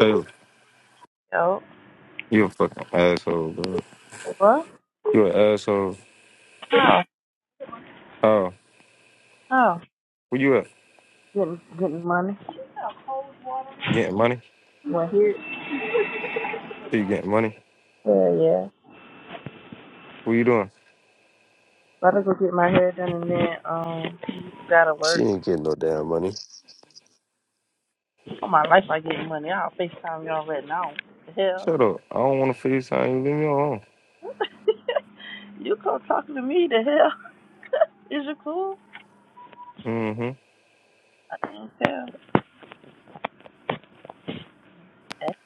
Taylor, Yo, you a fucking asshole, bro. what? You an asshole. How? Oh, How? where you at? Getting getting money. Getting money? Well, here, So you getting money? yeah, yeah. What you doing? About to go get my hair done and then um, gotta She work. didn't get no damn money. All my life I get money. I'll Facetime y'all right now. The hell, Shut up. I don't want to FaceTime you. Leave me alone. you come talking to me? The hell, is you cool? Mm-hmm. I can't tell. That's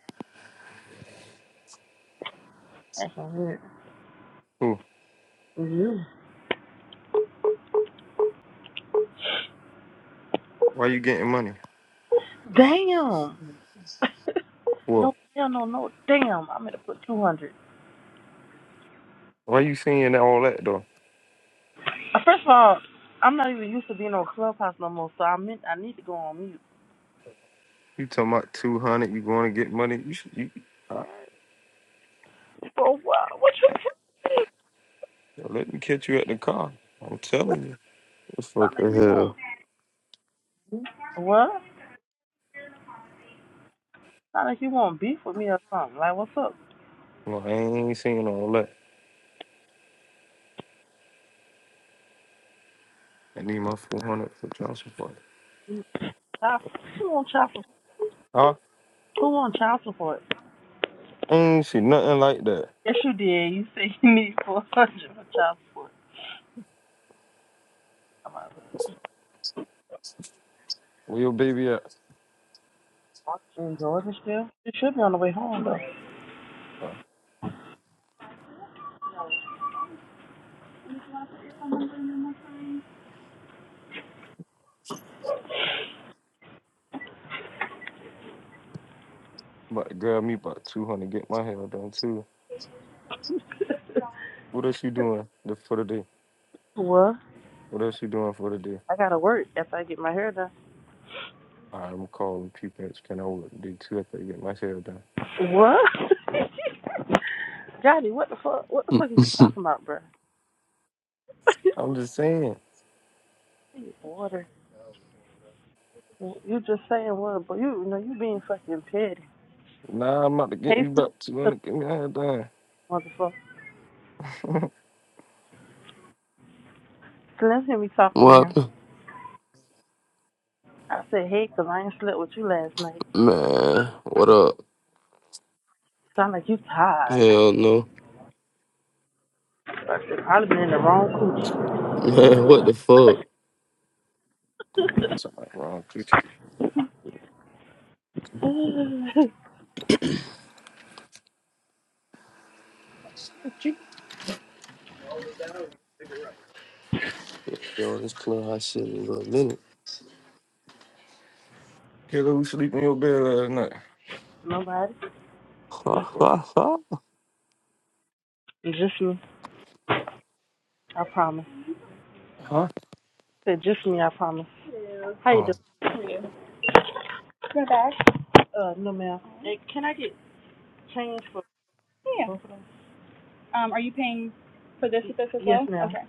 that's so weird. Cool. It's you. Why you getting money? Damn. What? no, hell no, no. Damn, I'm gonna put 200. Why you seeing all that, though? Uh, First of all, I'm not even used to being on Clubhouse no more, so I meant I need to go on mute. You talking about 200, you going to get money? You should, you, Ah, But what? What you mean? let me catch you at the car. I'm telling you. sound like Fucking you want? hell. What? Sound like you want beef with me or something? Like what's up? Well, I ain't seen all that. I need my 400 for Johnson Park. Child, who want child support? Huh? Who want child support? I ain't see nothing like that. Yes, you did. You said you need four hundred for child support. Come on. Where your baby at? In Georgia still? You should be on the way home though. Uh, about to grab me about 200, get my hair done too. What else you doing the, for the day? What? What else you doing for the day? I gotta work after I get my hair done. All right, I'm calling people Can I work day two after I get my hair done. What? Johnny, what the fuck? What the Mm, fuck are you talking about, bro? I'm just saying. Water. You just saying what? but you, you know you being fucking petty. Nah, I'm about to get Hey, me Slim, about 200, get me hair done. let's hear me talking to What him. happened? I said, hey, 'cause I ain't slept with you last night. Man, what up? Sound like you tired. Hell no. I said, probably been in the wrong Man, what the fuck? coochie. Something wrong with you. Been on this clubhouse shit in a little minute. Kayla, who sleep in your bed last night? Nobody? Just me. I promise. I Huh? said, just me, I promise. How you Oh, doing? Your bag? Uh, no, ma'am. Hey, can I get change for Yeah. Um, are you paying for this with this as well? Yes, well? ma'am. Okay.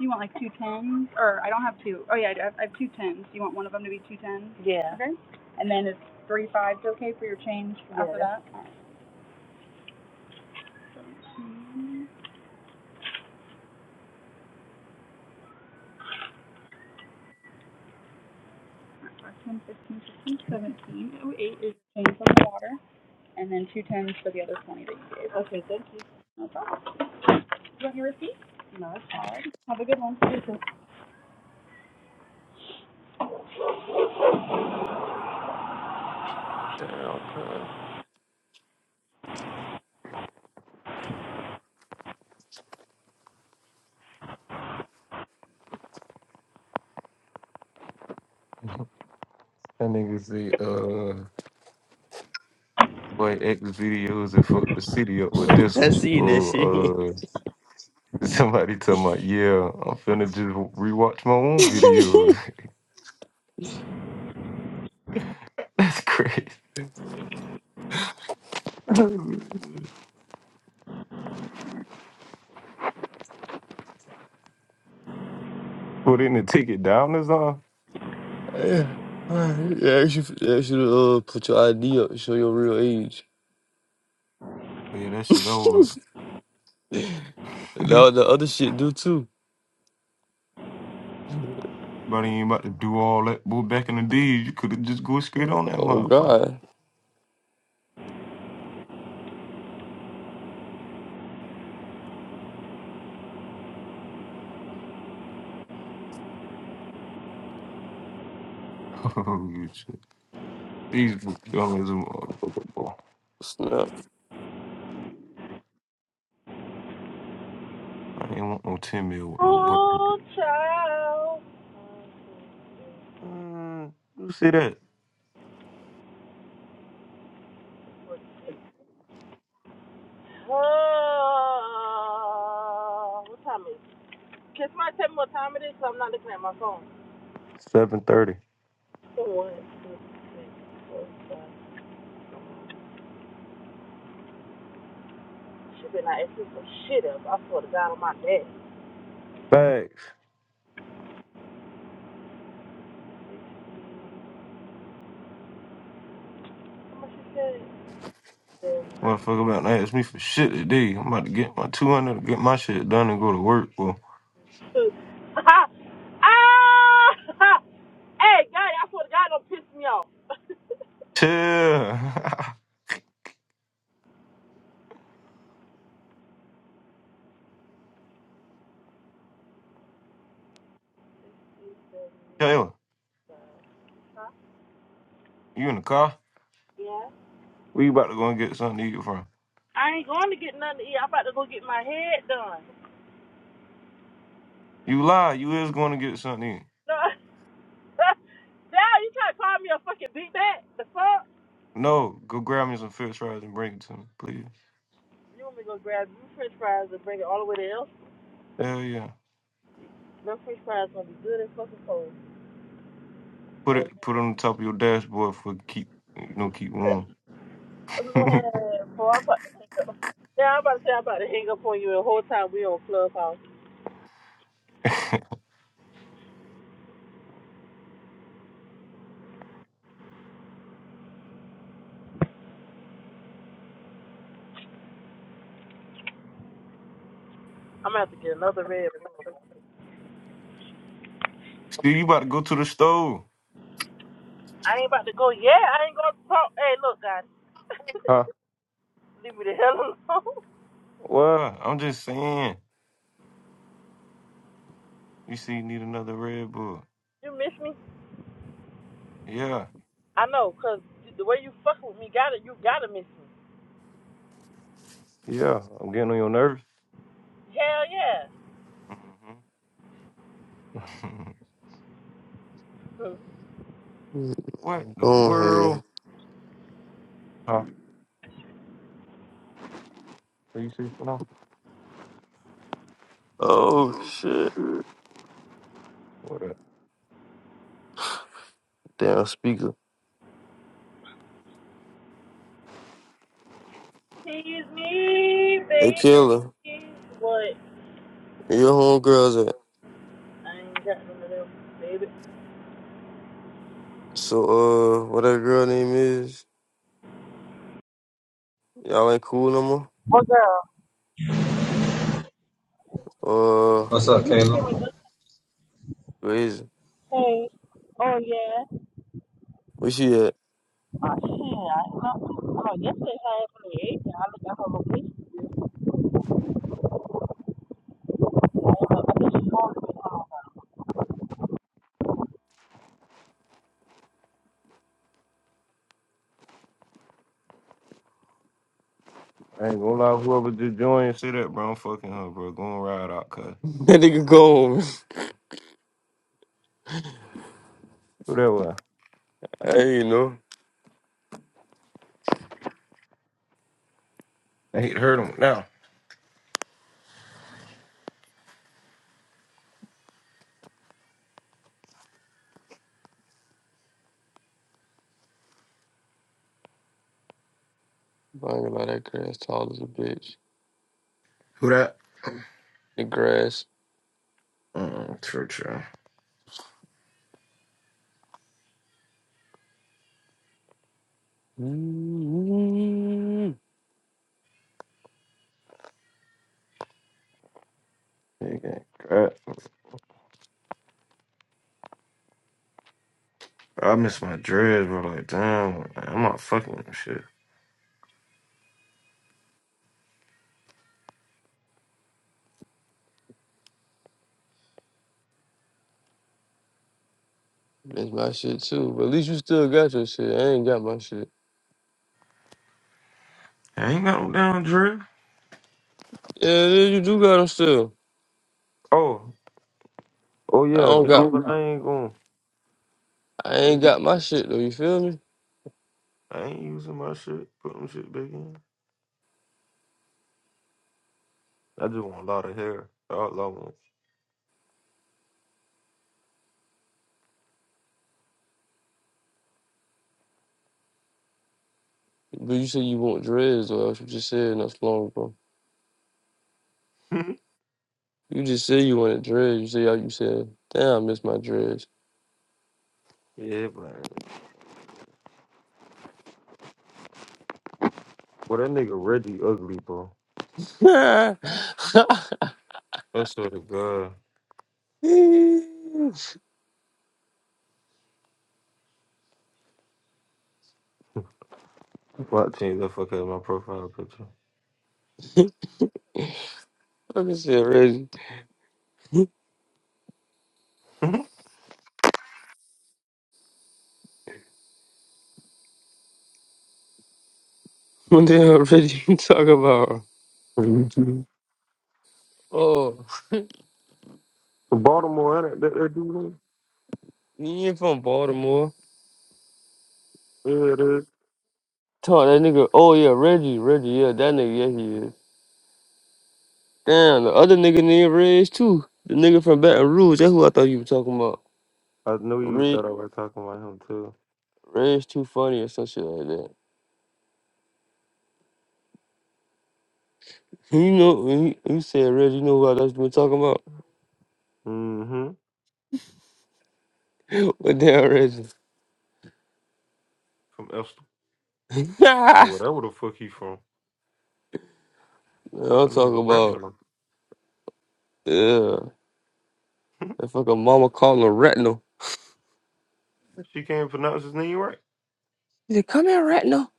You want like two tens, or I don't have two. Oh yeah, I I have I have two tens. You want one of them to be two tens? Yeah. Okay. And then it's three fives, okay, for your change Yeah, after that. Ten, fifteen, sixteen, seventeen. Oh, eight is the change on the water, and then two tens for the other twenty that you gave. Okay, thank you. No problem. Do You want your receipt? No, it's All right. Have a good one. Damn, cuz. that nigga say, uh, boy, X videos and fuck the city up with this I one. seen that shit. Or, uh, somebody talking about, yeah, I'm finna just rewatch my own videos. That's crazy. Put in the ticket down or something? yeah. Alright, Yeah, you should, yeah, you should uh, put your ID up, and show your real age. Oh, yeah, that shit over with. Now the other shit do too. But you ain't about to do all that. Boy, back in the days, you could have just go straight on that Oh motherfucker. God! oh, shit. These young as a motherfucker, boy. Snap! I ain't want no 10 mil with no button. Oh, child. Mm, you see that? Oh, what time is it? Can somebody tell me what time it is so I'm not looking at my phone? 730. One, two, three, four, five. She been out acting some shit up. I swear to God on my dad. Facts. How much she said? Motherfucker about to ask me for shit today. I'm about to get my 200, to get my shit done and go to work, boy. Ha ah! hey, God, I swear to God, don't piss me off. Chill. Taylor, Huh? you in the car? yeah. We about to go and get something to eat from. I ain't going to get nothing to eat. I'm about to go get my head done. You lie. You is going to get something. No. Dad, you trying to call me a fucking big bat? The fuck? No, go grab me some fish fries and bring it to me, please. You want me to go grab you French fries and bring it all the way to L C? Hell yeah. Them French fries gonna be good as fucking cold. Put And it put it on the top of your dashboard for keep you know keep man, warm. See boy, I'm about to hang up. Yeah, I'm about to say I'm about to hang up on you the whole time we on Clubhouse. I'm gonna have to get another Red Bull. you about to go to the store. I ain't about to go. Yeah, I ain't gonna talk. Hey, look, guys, Huh? leave me the hell alone. Well, I'm just saying. You see, you need another Red Bull. You miss me? Yeah, I know, cause the way you fuck with me, gotta you gotta miss me. yeah. I'm getting on your nerves. Hell yeah. hmm Hmm. Go what the on here. world? Huh? What you see for now? Oh shit! What up? Damn speaker. Tease me, Hey baby. Kayla, What? where your homegirls at? I ain't got none of them, baby. So uh what that girl name is? Y'all ain't cool no Well, girl, more? Uh What's up, you can Caleb? hear me crazy. Hey, oh yeah. Where she at? Oh shit, I, I, oh, yesterday I had one of the eight. I looked at her location. I ain't gonna lie, whoever just joined. Say that, bro. I'm fucking her, bro. Go and ride out, cuz. That nigga go home. Who that was? Hey, you know. I hate to hurt him now. I ain't gonna lie, that grass tall as a bitch. Who that? The grass. Mm, true, true. mm Nigga, crap. I miss my dreads, bro. Like, damn, I'm not fucking with shit. That's my shit too. But at least you still got your shit. I ain't got my shit. I ain't got no damn dread. Yeah, yeah, you do got them still. Oh, oh I yeah, don't dude, got oh, but I ain't going. I ain't got my shit though, you feel me? I ain't using my shit. Put them shit back in. I just want a lot of hair. All But you said you want dreads though, that's what you said not so long ago. I want. You just said you want wanted dreads. You see how you said, damn, I miss my dreads. yeah, but well, that nigga Reggie ugly, bro. I swear to God. Why change the fuck out of my profile picture? Fucking shit, Reggie. What the hell, Reggie, you talking about? Oh, Baltimore, ain't it? That, that dude? he ain't from Baltimore. Yeah, Talk that nigga. Oh, yeah, Reggie. Reggie, yeah, that nigga, yeah, he is. Damn, the other nigga named Reg, too. The nigga from Baton Rouge. That's who I thought you were talking about. I know you Reg, thought I was talking about him too. Reg's too funny or some shit like that. You know, when you, you said Reggie, you know who I thought you were talking about? Mm-hmm. What the hell, Reggie? From Esther. Or whatever the fuck he from. Yeah, I'm Fucking talking nigga about, Reginald. yeah. That fucking mama calling her retinal. she can't pronounce his name right. She said, come here, retinal.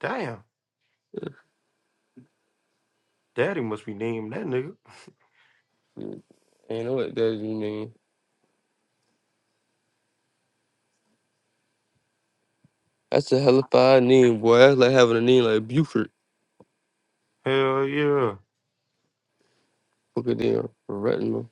Damn. Daddy must be named that nigga. Mm, Ain't know what that you mean. That's a hellified name, boy. That's like having a name like Buford. Hell yeah. Fucking damn, retinal.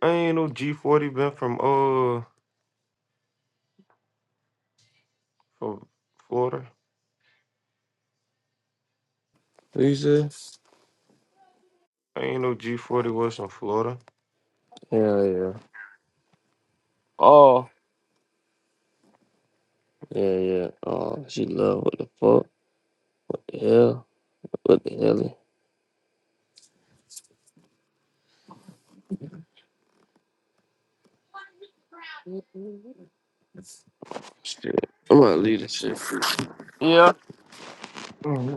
I ain't no G forty been from uh from Florida. What you say? I ain't no G forty was from Florida. Yeah, yeah. Oh. Yeah, yeah. Oh, she love what the fuck? Yeah. What the hell? Shit. I'm gonna leave this shit. Yeah. Mhm.